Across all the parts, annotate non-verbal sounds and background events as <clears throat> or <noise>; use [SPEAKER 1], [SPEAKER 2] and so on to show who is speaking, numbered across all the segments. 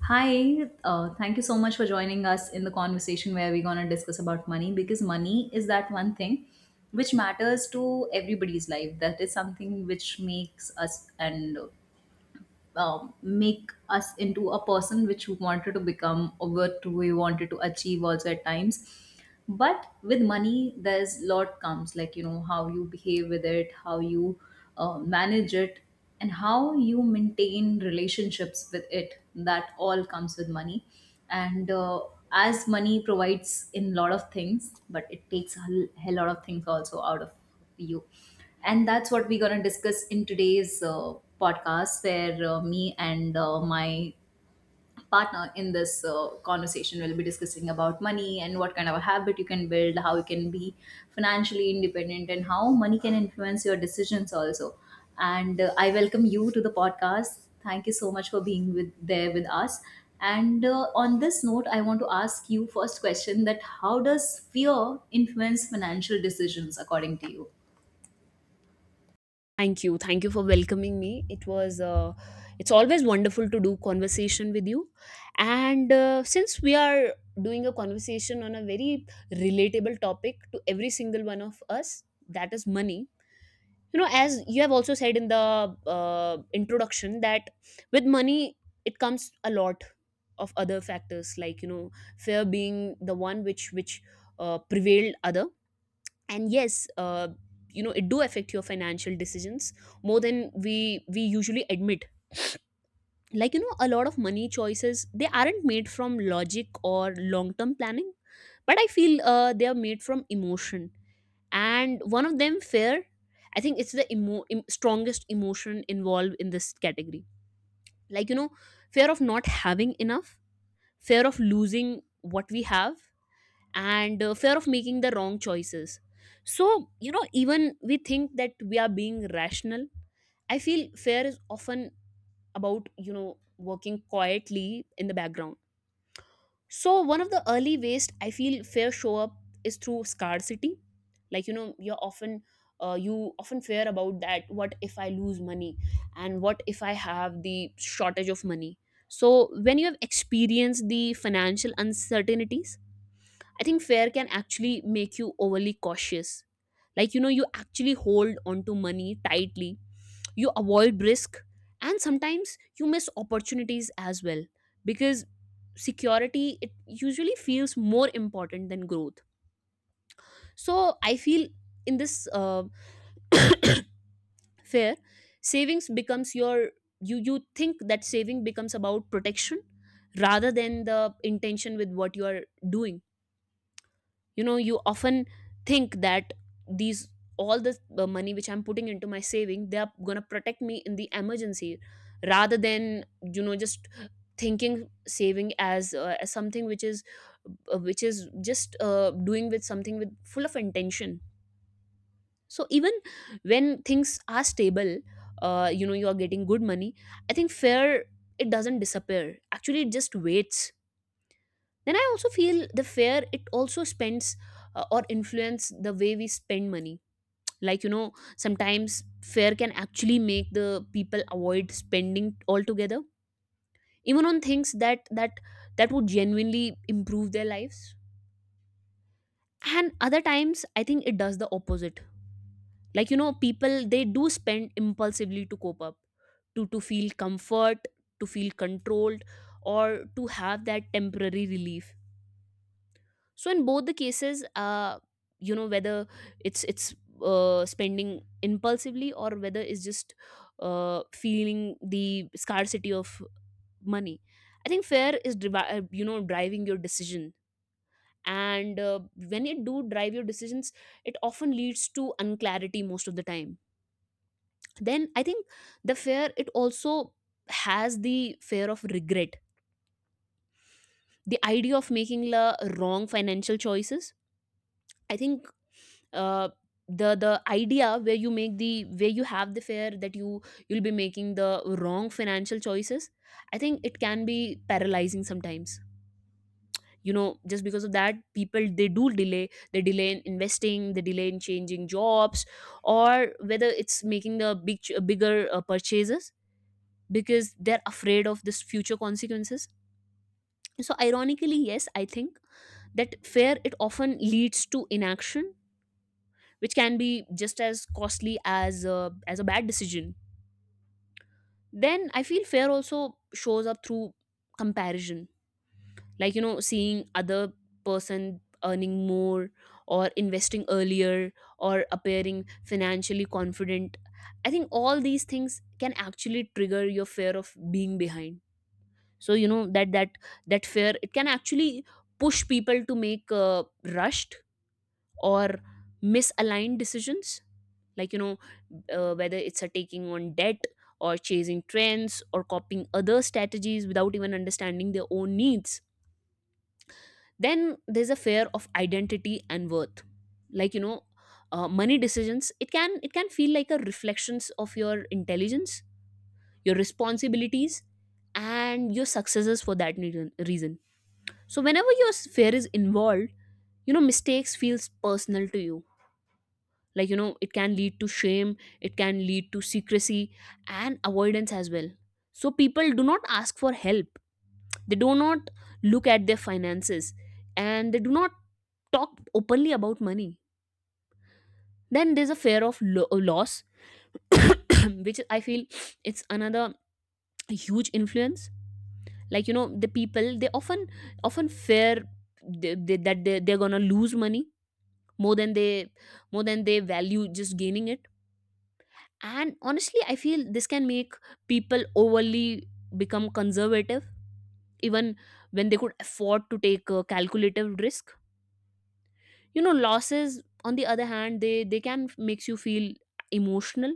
[SPEAKER 1] Hi, thank you so much for joining us in the conversation where we're going to discuss about money, because money is that one thing which matters to everybody's life. That is something which makes us and make us into a person which we wanted to become, or what we wanted to achieve also at times. But with money there's lot comes, like you know, how you behave with it, how you manage it, and how you maintain relationships with it. That all comes with money. And as money provides in lot of things, but it takes a hell lot of things also out of you. And that's what we're going to discuss in today's podcast, where me and my partner in this conversation, we'll be discussing about money, and what kind of a habit you can build, how you can be financially independent, and how money can influence your decisions also. And I welcome you to the podcast. Thank you so much for being with there with us. And on this note, I want to ask you first question, that how does fear influence financial decisions according to you?
[SPEAKER 2] Thank you. Thank you for welcoming me. It was it's always wonderful to do conversation with you. And since we are doing a conversation on a very relatable topic to every single one of us, that is money. You know, as you have also said in the introduction that with money it comes a lot of other factors like you know fear being the one which prevailed other and yes, you know it do affect your financial decisions more than we usually admit, like you know, a lot of money choices they aren't made from logic or long term planning but I feel they are made from emotion and one of them fear. I think it's the strongest emotion involved in this category, like you know, fear of not having enough, fear of losing what we have, and fear of making the wrong choices. So you know even we think that we are being rational, I feel fear is often about you know working quietly in the background. So one of the early ways I feel fear show up is through scarcity, like you know you're often you often fear about that what if I lose money and what if I have the shortage of money. So when you have experienced the financial uncertainties, I think fear can actually make you overly cautious. Like, you know, you actually hold onto money tightly, you avoid risk, and sometimes you miss opportunities as well because security it usually feels more important than growth. So I feel in this fear, savings becomes your you think that saving becomes about protection rather than the intention with what you are doing. You know you often think that these all the money which I'm putting into my saving they are going to protect me in the emergency rather than you know just thinking saving as something which is just doing with something with full of intention. So even when things are stable, you know you are getting good money, I think fear, it doesn't disappear, actually it just waits. Then I also feel the fear it also spends or influence the way we spend money. Like you know sometimes fear can actually make the people avoid spending altogether, even on things that that would genuinely improve their lives. And other times I think it does the opposite, like you know people they do spend impulsively to cope up, to feel comfort, to feel controlled, or to have that temporary relief. So in both the cases, you know, whether it's spending impulsively or whether it's just feeling the scarcity of money, I think fear is you know driving your decision. And when it do drive your decisions, it often leads to unclarity most of the time. Then I think the fear it also has the fear of regret, the idea of making la wrong financial choices. I think uh, the idea where you make the where you have the fear that you you'll be making the wrong financial choices, I think it can be paralyzing sometimes. You know just because of that people they do delay, they delay in investing, they delay in changing jobs, or whether it's making the bigger purchases because they're afraid of this future consequences. So ironically, yes, I think that fear it often leads to inaction, which can be just as costly as as a bad decision. Then I feel fear also shows up through comparison, like you know, seeing other person earning more, or investing earlier, or appearing financially confident. I think all these things can actually trigger your fear of being behind. So you know that that fear it can actually push people to make rushed or misaligned decisions, like you know, whether it's a taking on debt, or chasing trends, or copying other strategies without even understanding their own needs. Then there's a fear of identity and worth. Like you know, money decisions, it can feel like a reflections of your intelligence, your responsibilities, and your successes for that need- reason. So whenever your sphere is involved, you know mistakes feels personal to you, like you know it can lead to shame, it can lead to secrecy and avoidance as well. So people do not ask for help, they do not look at their finances, and they do not talk openly about money. Then there's a fear of loss <coughs> <clears throat> which I feel it's another huge influence. Like you know the people they often fear they're gonna lose money more than they, more than they value just gaining it. And honestly I feel this can make people overly become conservative even when they could afford to take a calculative risk. You know losses on the other hand makes you feel emotional,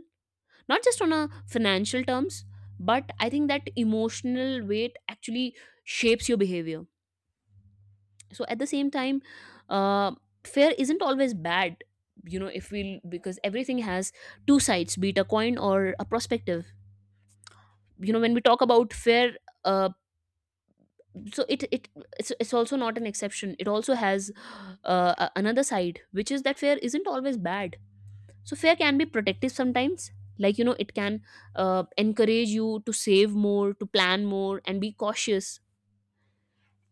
[SPEAKER 2] not just on a financial terms, but I think that emotional weight actually shapes your behavior. So at the same time, uh, fear isn't always bad. You know, if we, because everything has two sides, be it a coin or a perspective. You know when we talk about fair, uh, so it's also not an exception, it also has another side, which is that fair isn't always bad. So fair can be protective sometimes, like you know it can encourage you to save more, to plan more, and be cautious.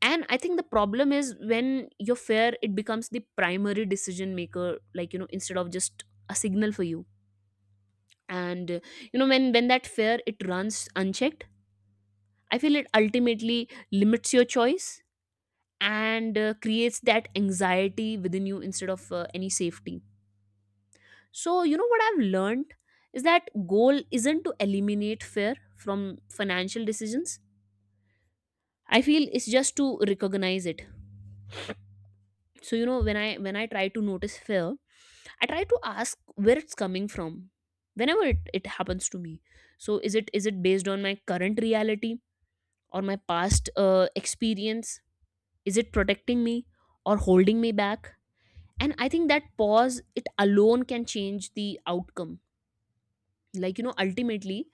[SPEAKER 2] And I think the problem is when your fair it becomes the primary decision maker, like you know, instead of just a signal for you. And you know when that fear it runs unchecked, I feel it ultimately limits your choice and creates that anxiety within you instead of any safety. So, you know, what I've learned is that goal isn't to eliminate fear from financial decisions. I feel it's just to recognize it. So, you know, when I try to notice fear, I try to ask where it's coming from whenever it happens to me. So, is it based on my current reality or my past experience? Is it protecting me or holding me back? And I think that pause it alone can change the outcome. Like you know ultimately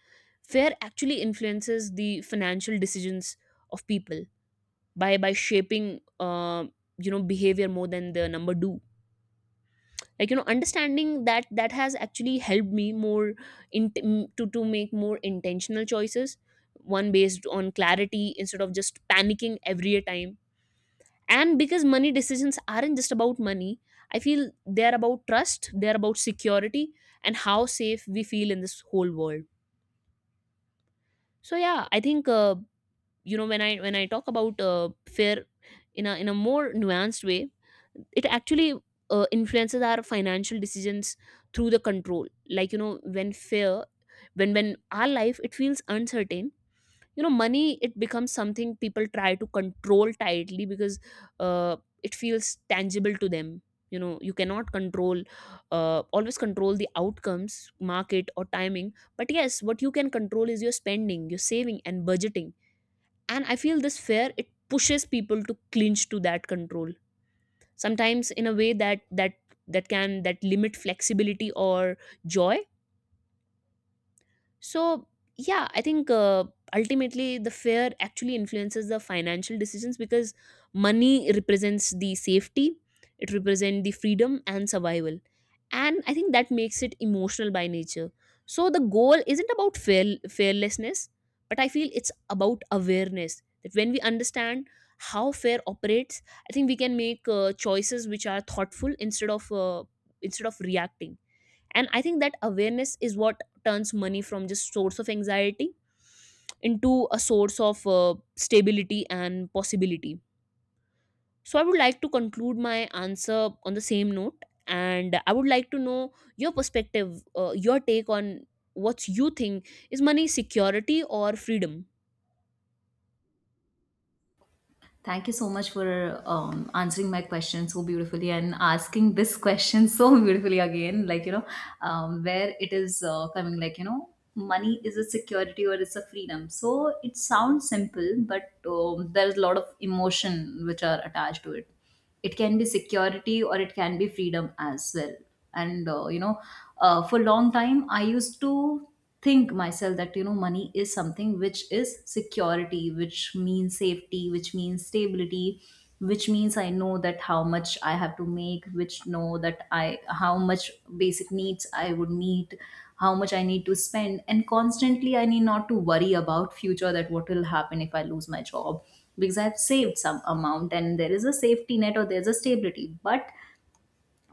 [SPEAKER 2] fear actually influences the financial decisions of people by shaping you know behavior more than the number do. Like you know understanding that, that has actually helped me more in to make more intentional choices, one based on clarity instead of just panicking every time. And because money decisions aren't just about money, I feel they're about trust, they're about security, and how safe we feel in this whole world. So yeah I think, you know when I talk about fear in a more nuanced way, it actually influences our financial decisions through the control. Like you know when fear, when our life it feels uncertain, you know money it becomes something people try to control tightly because uh, it feels tangible to them. You know you cannot control always control the outcomes, market or timing, but yes what you can control is your spending, your saving and budgeting. And I feel this fear it pushes people to clinch to that control, sometimes in a way that can that limit flexibility or joy. So, yeah, I think ultimately the fear actually influences the financial decisions because money represents the safety, it represents the freedom and survival. And I think that makes it emotional by nature. So, the goal isn't about fearlessness, but I feel it's about awareness that when we understand how fear operates, I think we can make choices which are thoughtful instead of reacting. And I think that awareness is what turns money from just source of anxiety into a source of stability and possibility. So I would like to conclude my answer on the same note, and I would like to know your perspective, your take on what you think is money security or freedom?
[SPEAKER 1] Thank you so much for answering my question so beautifully, and asking this question so beautifully again. Like, you know, where it is coming, like, you know, money is a security or it's a freedom. So it sounds simple, but there's a lot of emotion which are attached to it. It can be security, or it can be freedom as well. And you know, for a long time I used to think myself that, you know, money is something which is security, which means safety, which means stability, which means I know that how much I have to make, which know that I how much basic needs I would meet, how much I need to spend, and constantly I need not to worry about future, that what will happen if I lose my job, because I've saved some amount and there is a safety net, or there's a stability. But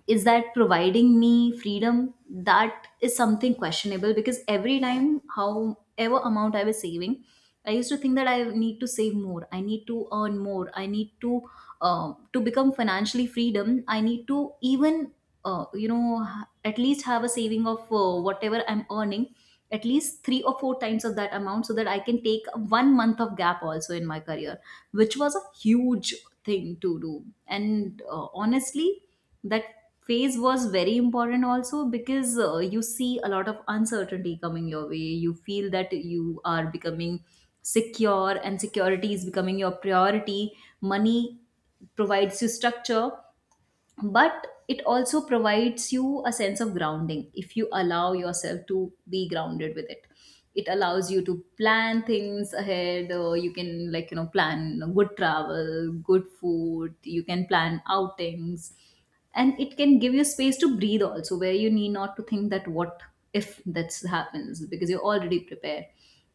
[SPEAKER 1] is that providing me freedom? That is something questionable, because every time, however amount I was saving, I used to think that I need to save more, I need to earn more, I need to become financially freedom. I need to even you know, at least have a saving of whatever I'm earning, at least three or four times of that amount, so that I can take one month of gap also in my career, which was a huge thing to do. And honestly, that phase was very important also, because you see a lot of uncertainty coming your way. You feel that you are becoming secure, and security is becoming your priority. Money provides you structure, but it also provides you a sense of grounding if you allow yourself to be grounded with it. It allows you to plan things ahead, or you can, like you know, plan good travel, good food, you can plan outings, and it can give you space to breathe also, where you need not to think that what if that happens, because you're already prepared.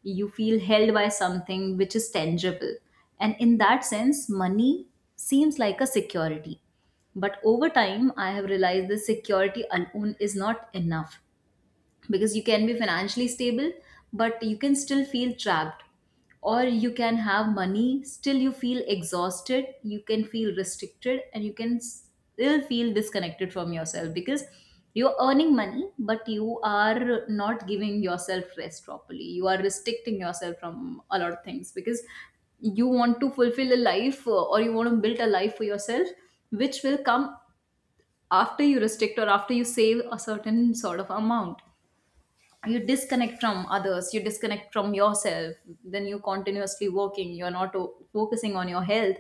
[SPEAKER 1] You feel held by something which is tangible, and in that sense money seems like a security. But over time I have realized this security alone is not enough, because you can be financially stable but you can still feel trapped. Or you can have money, still you feel exhausted, you can feel restricted, and you can still feel disconnected from yourself, because you're earning money but you are not giving yourself rest properly. You are restricting yourself from a lot of things because you want to fulfill a life, or you want to build a life for yourself which will come after you restrict, or after you save a certain sort of amount. You disconnect from others, you disconnect from yourself, then you continuously working, you're not focusing on your health.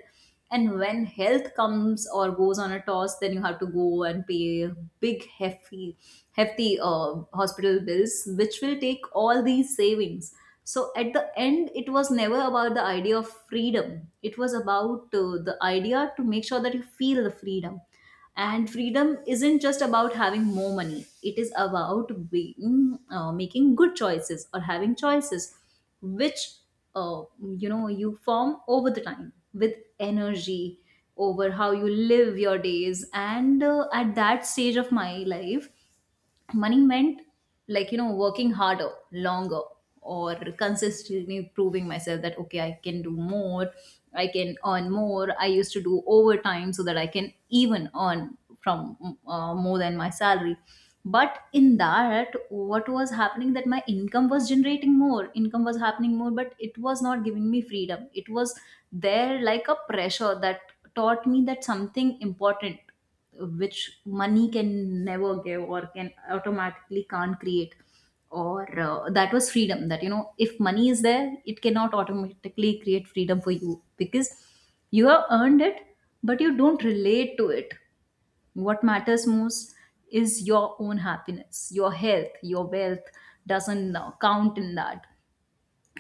[SPEAKER 1] And when health comes or goes on a toss, then you have to go and pay big hefty hospital bills which will take all these savings. So at the end it was never about the idea of freedom, it was about the idea to make sure that you feel the freedom. And freedom isn't just about having more money, it is about being making good choices, or having choices which, you know, you form over the time with energy, over how you live your days. And at that stage of my life, money meant, like you know, working harder, longer, or consistently proving myself that, okay, I can do more, I can earn more. I used to do overtime so that I can even earn from more than my salary. But in that what was happening, that my income was generating, more income was happening more, but it was not giving me freedom, it was there like a pressure. That taught me that something important, which money can never give, or can automatically can't create. Or that was freedom, that you know, if money is there, it cannot automatically create freedom for you, because you have earned it but you don't relate to it. What matters most is your own happiness, your health. Your wealth doesn't count in that.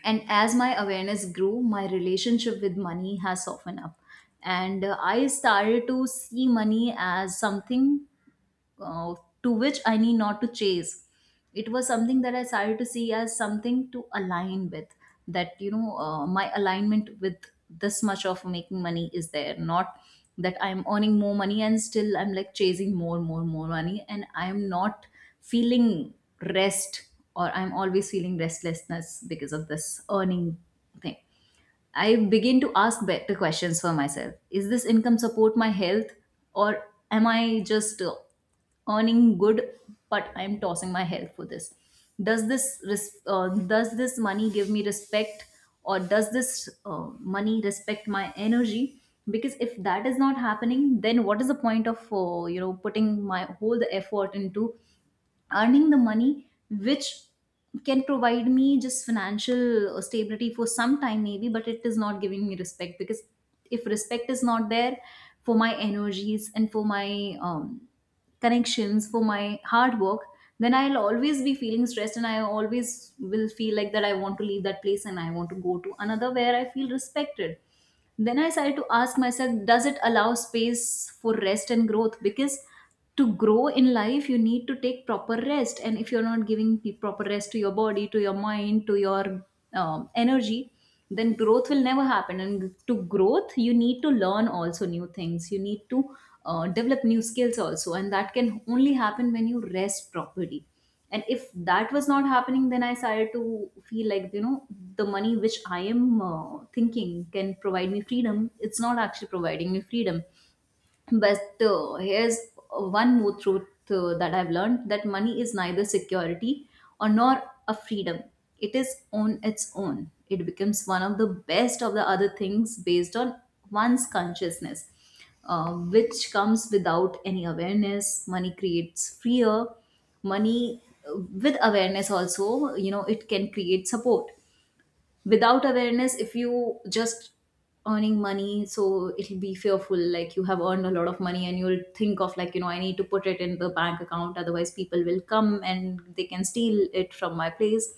[SPEAKER 1] And as my awareness grew, my relationship with money has softened up. And I started to see money as something uh, to which I need not to chase. It was something that I started to see as something to align with. That you know, my alignment with this much of making money is there, not that I'm earning more money and still I'm like chasing more, more, more money, and I'm not feeling rest, or I'm always feeling restlessness because of this earning thing. I begin to ask better questions for myself. Is this income support my health, or am I just earning good but I'm tossing my health for this? Does this does this money give me respect, or does this money respect my energy? Because if that is not happening, then what is the point of, you know, putting my whole the effort into earning the money which can provide me just financial stability for some time maybe, but it is not giving me respect. Because if respect is not there for my energies, and for my connections, for my hard work, then I'll always be feeling stressed, and I always will feel like that I want to leave that place and I want to go to another where I feel respected. Then I started to ask myself, does it allow space for rest and growth? Because to grow in life, you need to take proper rest. And if you're not giving proper rest to your body, to your mind, to your energy, then growth will never happen. And to growth, you need to learn also new things. You need to develop new skills also. And that can only happen when you rest properly. And if that was not happening, then I started to feel like, you know, the money which I am thinking can provide me freedom, it's not actually providing me freedom. But here's one more truth, that I've learned, that money is neither security or nor a freedom. It is on its own. It becomes one of the best of the other things based on one's consciousness, which comes without any awareness. Money creates fear. Money, with awareness also, you know, it can create support. Without awareness, if you just earning money, so it'll be fearful, like you have earned a lot of money and you'll think of, like you know, I need to put it in the bank account, otherwise people will come and they can steal it from my place.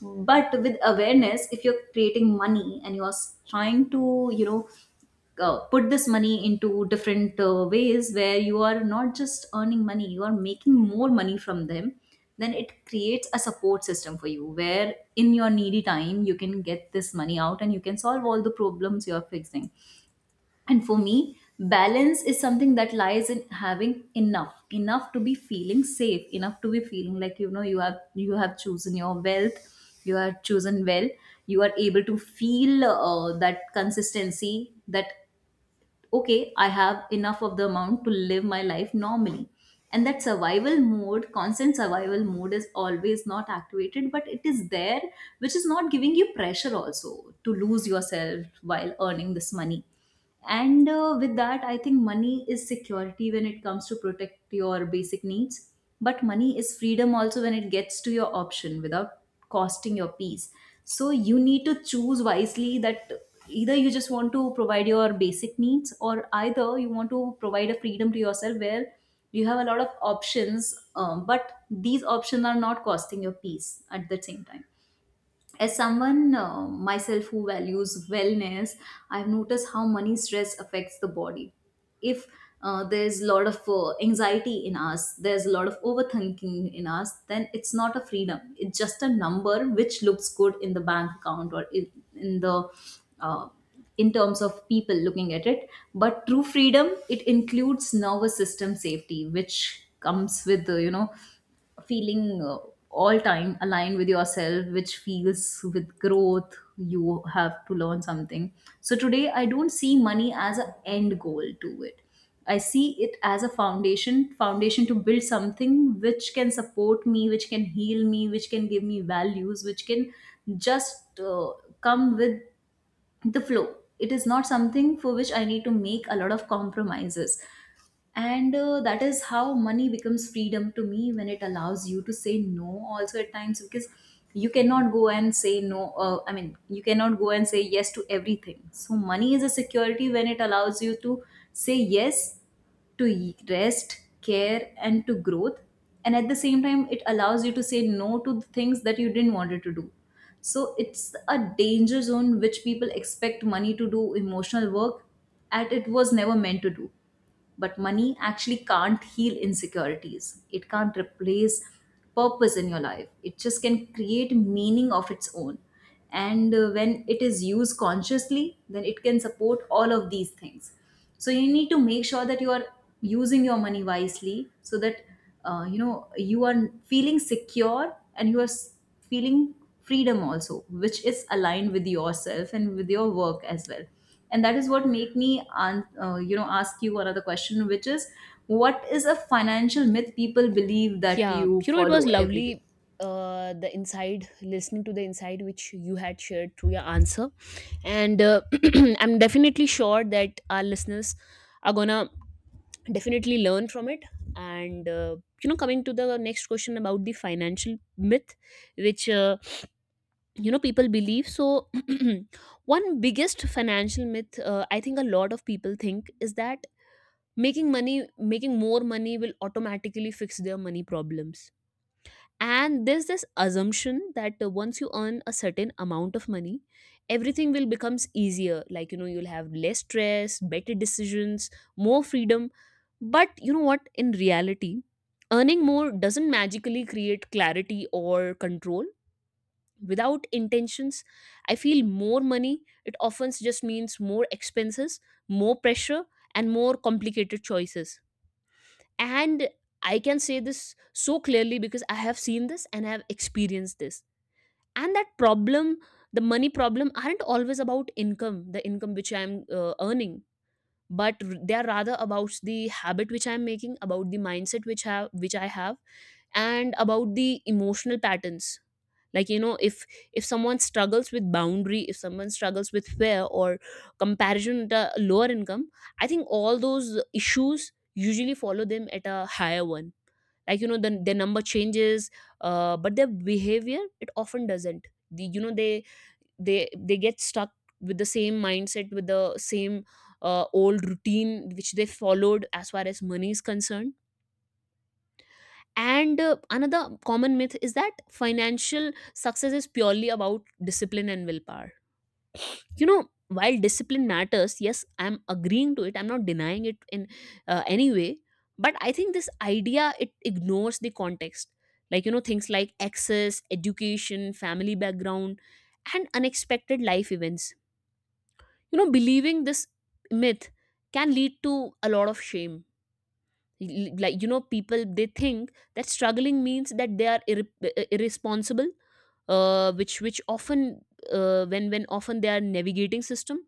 [SPEAKER 1] But with awareness, if you're creating money and you're trying to, you know, put this money into different ways, where you are not just earning money, you are making more money from them, then it creates a support system for you, where in your needy time you can get this money out and you can solve all the problems you are fixing. And for me balance is something that lies in having enough, enough to be feeling safe, enough to be feeling like, you know, you have, you have chosen your wealth, you are chosen well, you are able to feel that consistency, that okay, I have enough of the amount to live my life normally. And that survival mode, constant survival mode, is always not activated, but it is there, which is not giving you pressure also to lose yourself while earning this money. And uh, with that I think money is security when it comes to protect your basic needs, but money is freedom also when it gets to your option without costing your peace. So you need to choose wisely that either you just want to provide your basic needs, or either you want to provide a freedom to yourself where you have a lot of options, but these options are not costing your peace at the same time. As someone myself who values wellness, I've noticed how money stress affects the body. If there's a lot of anxiety in us, there's a lot of overthinking in us, then it's not a freedom, it's just a number which looks good in the bank account or in the uh, in terms of people looking at it. But true freedom, it includes nervous system safety, which comes with the you know feeling all time aligned with yourself, which feels with growth you have to learn something. So today I don't see money as an end goal to it, I see it as a foundation to build something which can support me, which can heal me, which can give me values, which can just come with the flow. It is not something for which I need to make a lot of compromises. And that is how money becomes freedom to me, when it allows you to say no also at times, because you cannot go and say no I mean you cannot go and say yes to everything. So money is a security when it allows you to say yes to rest, care, and to growth, and at the same time it allows you to say no to the things that you didn't wanted to do. So it's a danger zone, which people expect money to do emotional work, and it was never meant to do. But money actually can't heal insecurities. It can't replace purpose in your life. It just can create meaning of its own. And when it is used consciously, then it can support all of these things. So you need to make sure that you are using your money wisely so that you know you are feeling secure, and you are feeling freedom also, which is aligned with yourself and with your work as well. And that is what make me you know ask you another question, which is, what is a financial myth people believe that
[SPEAKER 2] Yeah,
[SPEAKER 1] you
[SPEAKER 2] you know, it was
[SPEAKER 1] follow every day?
[SPEAKER 2] lovely. The inside, listening to the inside which you had shared through your answer, and <clears throat> I'm definitely sure that our listeners are gonna definitely learn from it. And you know, coming to the next question about the financial myth, which you know people believe. So, <clears throat> one biggest financial myth I think a lot of people think is that making more money will automatically fix their money problems. And there's this assumption that once you earn a certain amount of money everything will becomes easier, like, you know, you'll have less stress, better decisions, more freedom. But you know what, in reality earning more doesn't magically create clarity or control without intentions. I feel more money it often just means more expenses, more pressure, and more complicated choices. And I can say this so clearly because I have seen this and I have experienced this. And that problem, the money problem aren't always about income, the income which I'm earning, but they are rather about the habit which I'm making, about the mindset which have which I have, and about the emotional patterns. Like, you know, if someone struggles with boundary, if someone struggles with fear or comparison at a lower income, I think all those issues usually follow them at a higher one. Like, you know, their number changes, but their behavior it often doesn't. The, you know, they they get stuck with the same mindset, with the same old routine which they followed as far as money is concerned. And another common myth is that financial success is purely about discipline and willpower. You know, while discipline matters, yes, I'm agreeing to it, I'm not denying it in any way, but I think this idea it ignores the context. Like, you know, things like access, education, family background, and unexpected life events. You know, believing this myth can lead to a lot of shame. Like, you know, people they think that struggling means that they are irresponsible, which often, when often they are navigating system.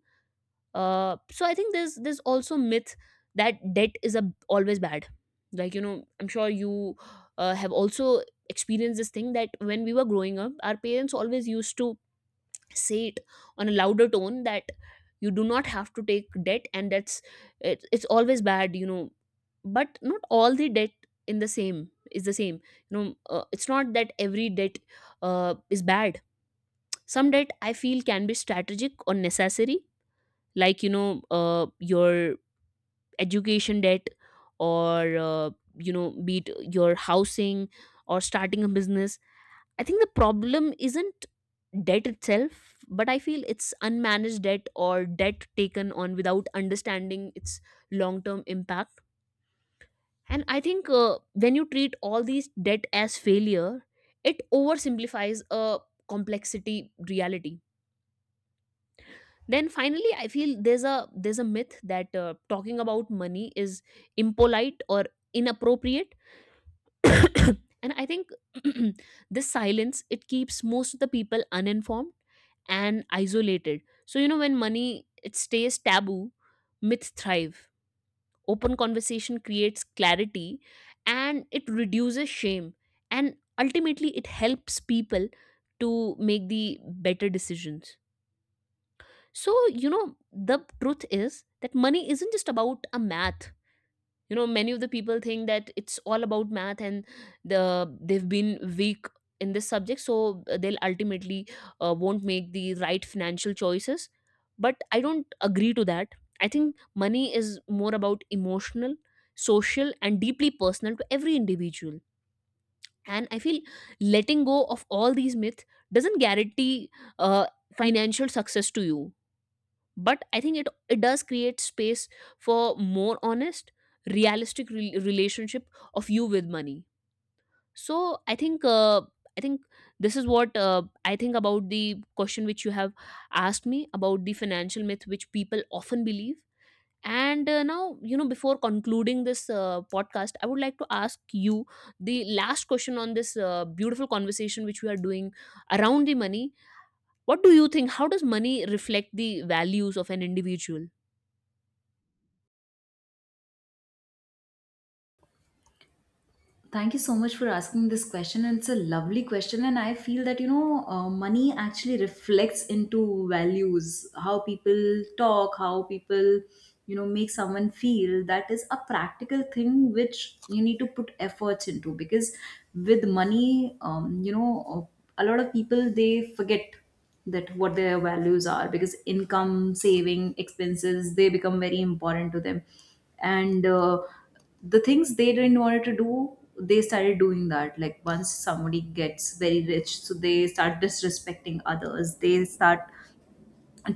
[SPEAKER 2] So I think there's also myth that debt is a, always bad. Like, you know, I'm sure you have also experienced this thing, that when we were growing up our parents always used to say it on a louder tone that you do not have to take debt, and that's it, it's always bad, you know. But not all the debt in the same is the same. You know, it's not that every debt is bad. Some debt I feel can be strategic or necessary, like, you know, your education debt, or you know, be it your housing or starting a business. I think the problem isn't debt itself, but I feel it's unmanaged debt or debt taken on without understanding its long term impact. And I think when you treat all these debt as failure, it oversimplifies a complexity, reality. Then finally I feel there's a myth that talking about money is impolite or inappropriate. <coughs> <clears throat> And I think <clears throat> this silence it keeps most of the people uninformed and isolated. So you know, when money it stays taboo, myths thrive. Open conversation creates clarity and it reduces shame, and ultimately it helps people to make the better decisions. So, you know, the truth is that money isn't just about a math. You know, many of the people think that it's all about math and they've been weak in this subject, so they'll ultimately won't make the right financial choices. But I don't agree to that. I think money is more about emotional, social, and deeply personal to every individual. And I feel letting go of all these myths doesn't guarantee uh, financial success to you, but I think it does create space for more honest, realistic relationship of you with money. So I think i think this is what I think about the question which you have asked me about the financial myth which people often believe. And now, you know, before concluding this podcast, I would like to ask you the last question on this beautiful conversation which we are doing around the money. What do you think, how does money reflect the values of an individual?
[SPEAKER 1] Thank you so much for asking this question, and it's a lovely question. And I feel that you know money actually reflects into values, how people talk, how people you know make someone feel. That is a practical thing which you need to put efforts into, because with money you know a lot of people they forget that what their values are, because income, saving, expenses, they become very important to them. And the things they didn't want to do, they started doing that. Like once somebody gets very rich, so they start disrespecting others, they start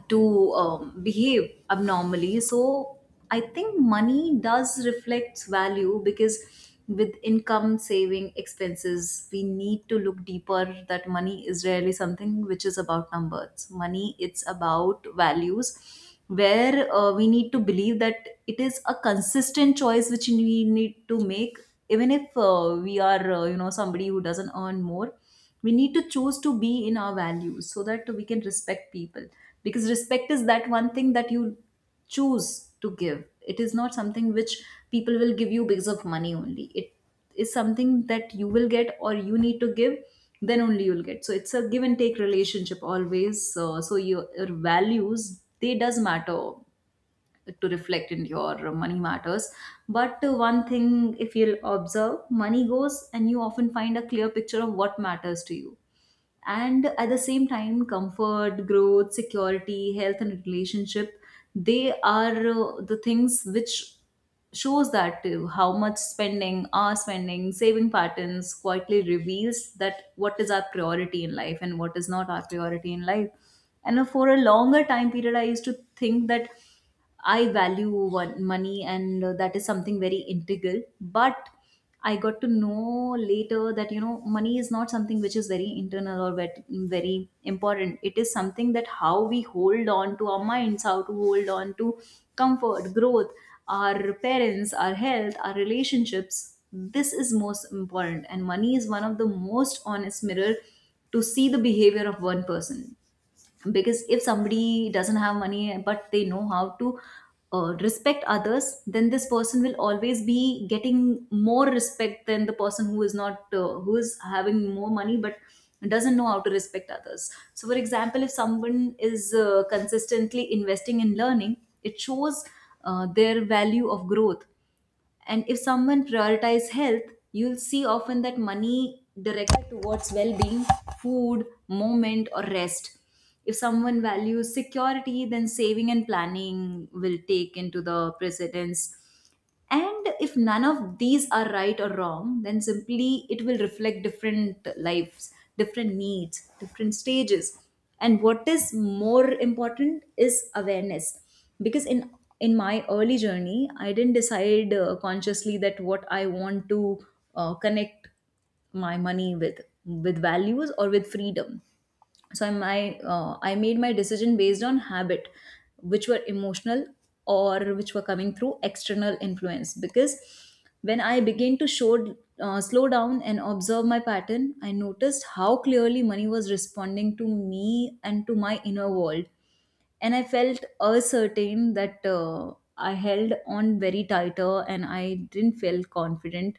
[SPEAKER 1] to behave abnormally. So I think money does reflects value, because with income, saving, expenses, we need to look deeper that money is really something which is about numbers. Money, it's about values, where we need to believe that it is a consistent choice which we need to make, even if we are you know somebody who doesn't earn more, we need to choose to be in our values so that we can respect people. Because respect is that one thing that you choose to give. It is not something which people will give you because of money only. It is something that you will get, or you need to give, then only you'll get. So it's a give and take relationship always. So your values, they does matter to reflect in your money matters. But one thing, if you'll observe money goes, and you often find a clear picture of what matters to you. And at the same time, comfort, growth, security, health, and relationship, they are the things which shows that how much spending, our spending, saving patterns quietly reveals that what is our priority in life and what is not our priority in life. And for a longer time period, I used to think that I value one, money, and that is something very integral. But I got to know later that you know money is not something which is very internal or very important. It is something that how we hold on to our minds, how to hold on to comfort, growth, our parents, our health, our relationships. This is most important, and money is one of the most honest mirror to see the behavior of one person. Because if somebody doesn't have money but they know how to respect others, then this person will always be getting more respect than the person who is not who is having more money but doesn't know how to respect others. So for example, if someone is consistently investing in learning, it shows their value of growth. And if someone prioritizes health, you'll see often that money directed towards well being, food, moment, or rest. If someone values security, then saving and planning will take into the precedence. And if none of these are right or wrong, then simply it will reflect different lives, different needs, different stages. And what is more important is awareness. Because in my early journey, I didn't decide consciously that what I want to connect my money with values or with freedom. So my I made my decision based on habit, which were emotional, or which were coming through external influence. Because when I began to show slow down and observe my pattern, I noticed how clearly money was responding to me and to my inner world. And I felt certain that I held on very tighter and I didn't feel confident.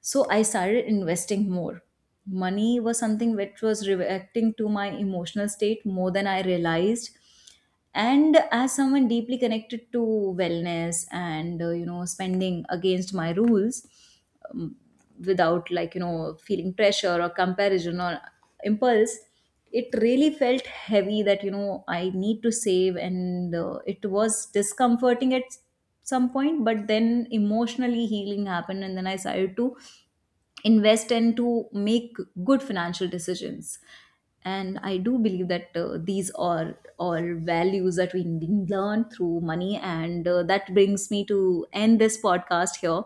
[SPEAKER 1] So I started investing more. Money was something which was reacting to my emotional state more than I realized. And as someone deeply connected to wellness and you know spending against my rules, um, without like you know feeling pressure or comparison or impulse, it really felt heavy that you know I need to save, and it was discomforting at some point. But then emotionally healing happened, and then I started to invest and to make good financial decisions. And I do believe that these are all values that we learn through money. And that brings me to end this podcast here.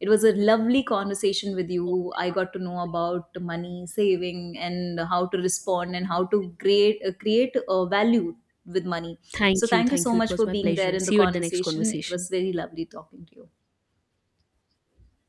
[SPEAKER 1] It was a lovely conversation with you. I got to know about money saving, and how to respond, and how to create create a value with money. So
[SPEAKER 2] Thank you.
[SPEAKER 1] thank you
[SPEAKER 2] Thank
[SPEAKER 1] so
[SPEAKER 2] you. It
[SPEAKER 1] much
[SPEAKER 2] was
[SPEAKER 1] for
[SPEAKER 2] my
[SPEAKER 1] being there
[SPEAKER 2] pleasure.
[SPEAKER 1] in the
[SPEAKER 2] See you at the next
[SPEAKER 1] conversation. It was
[SPEAKER 2] conversation.
[SPEAKER 1] very lovely talking to you.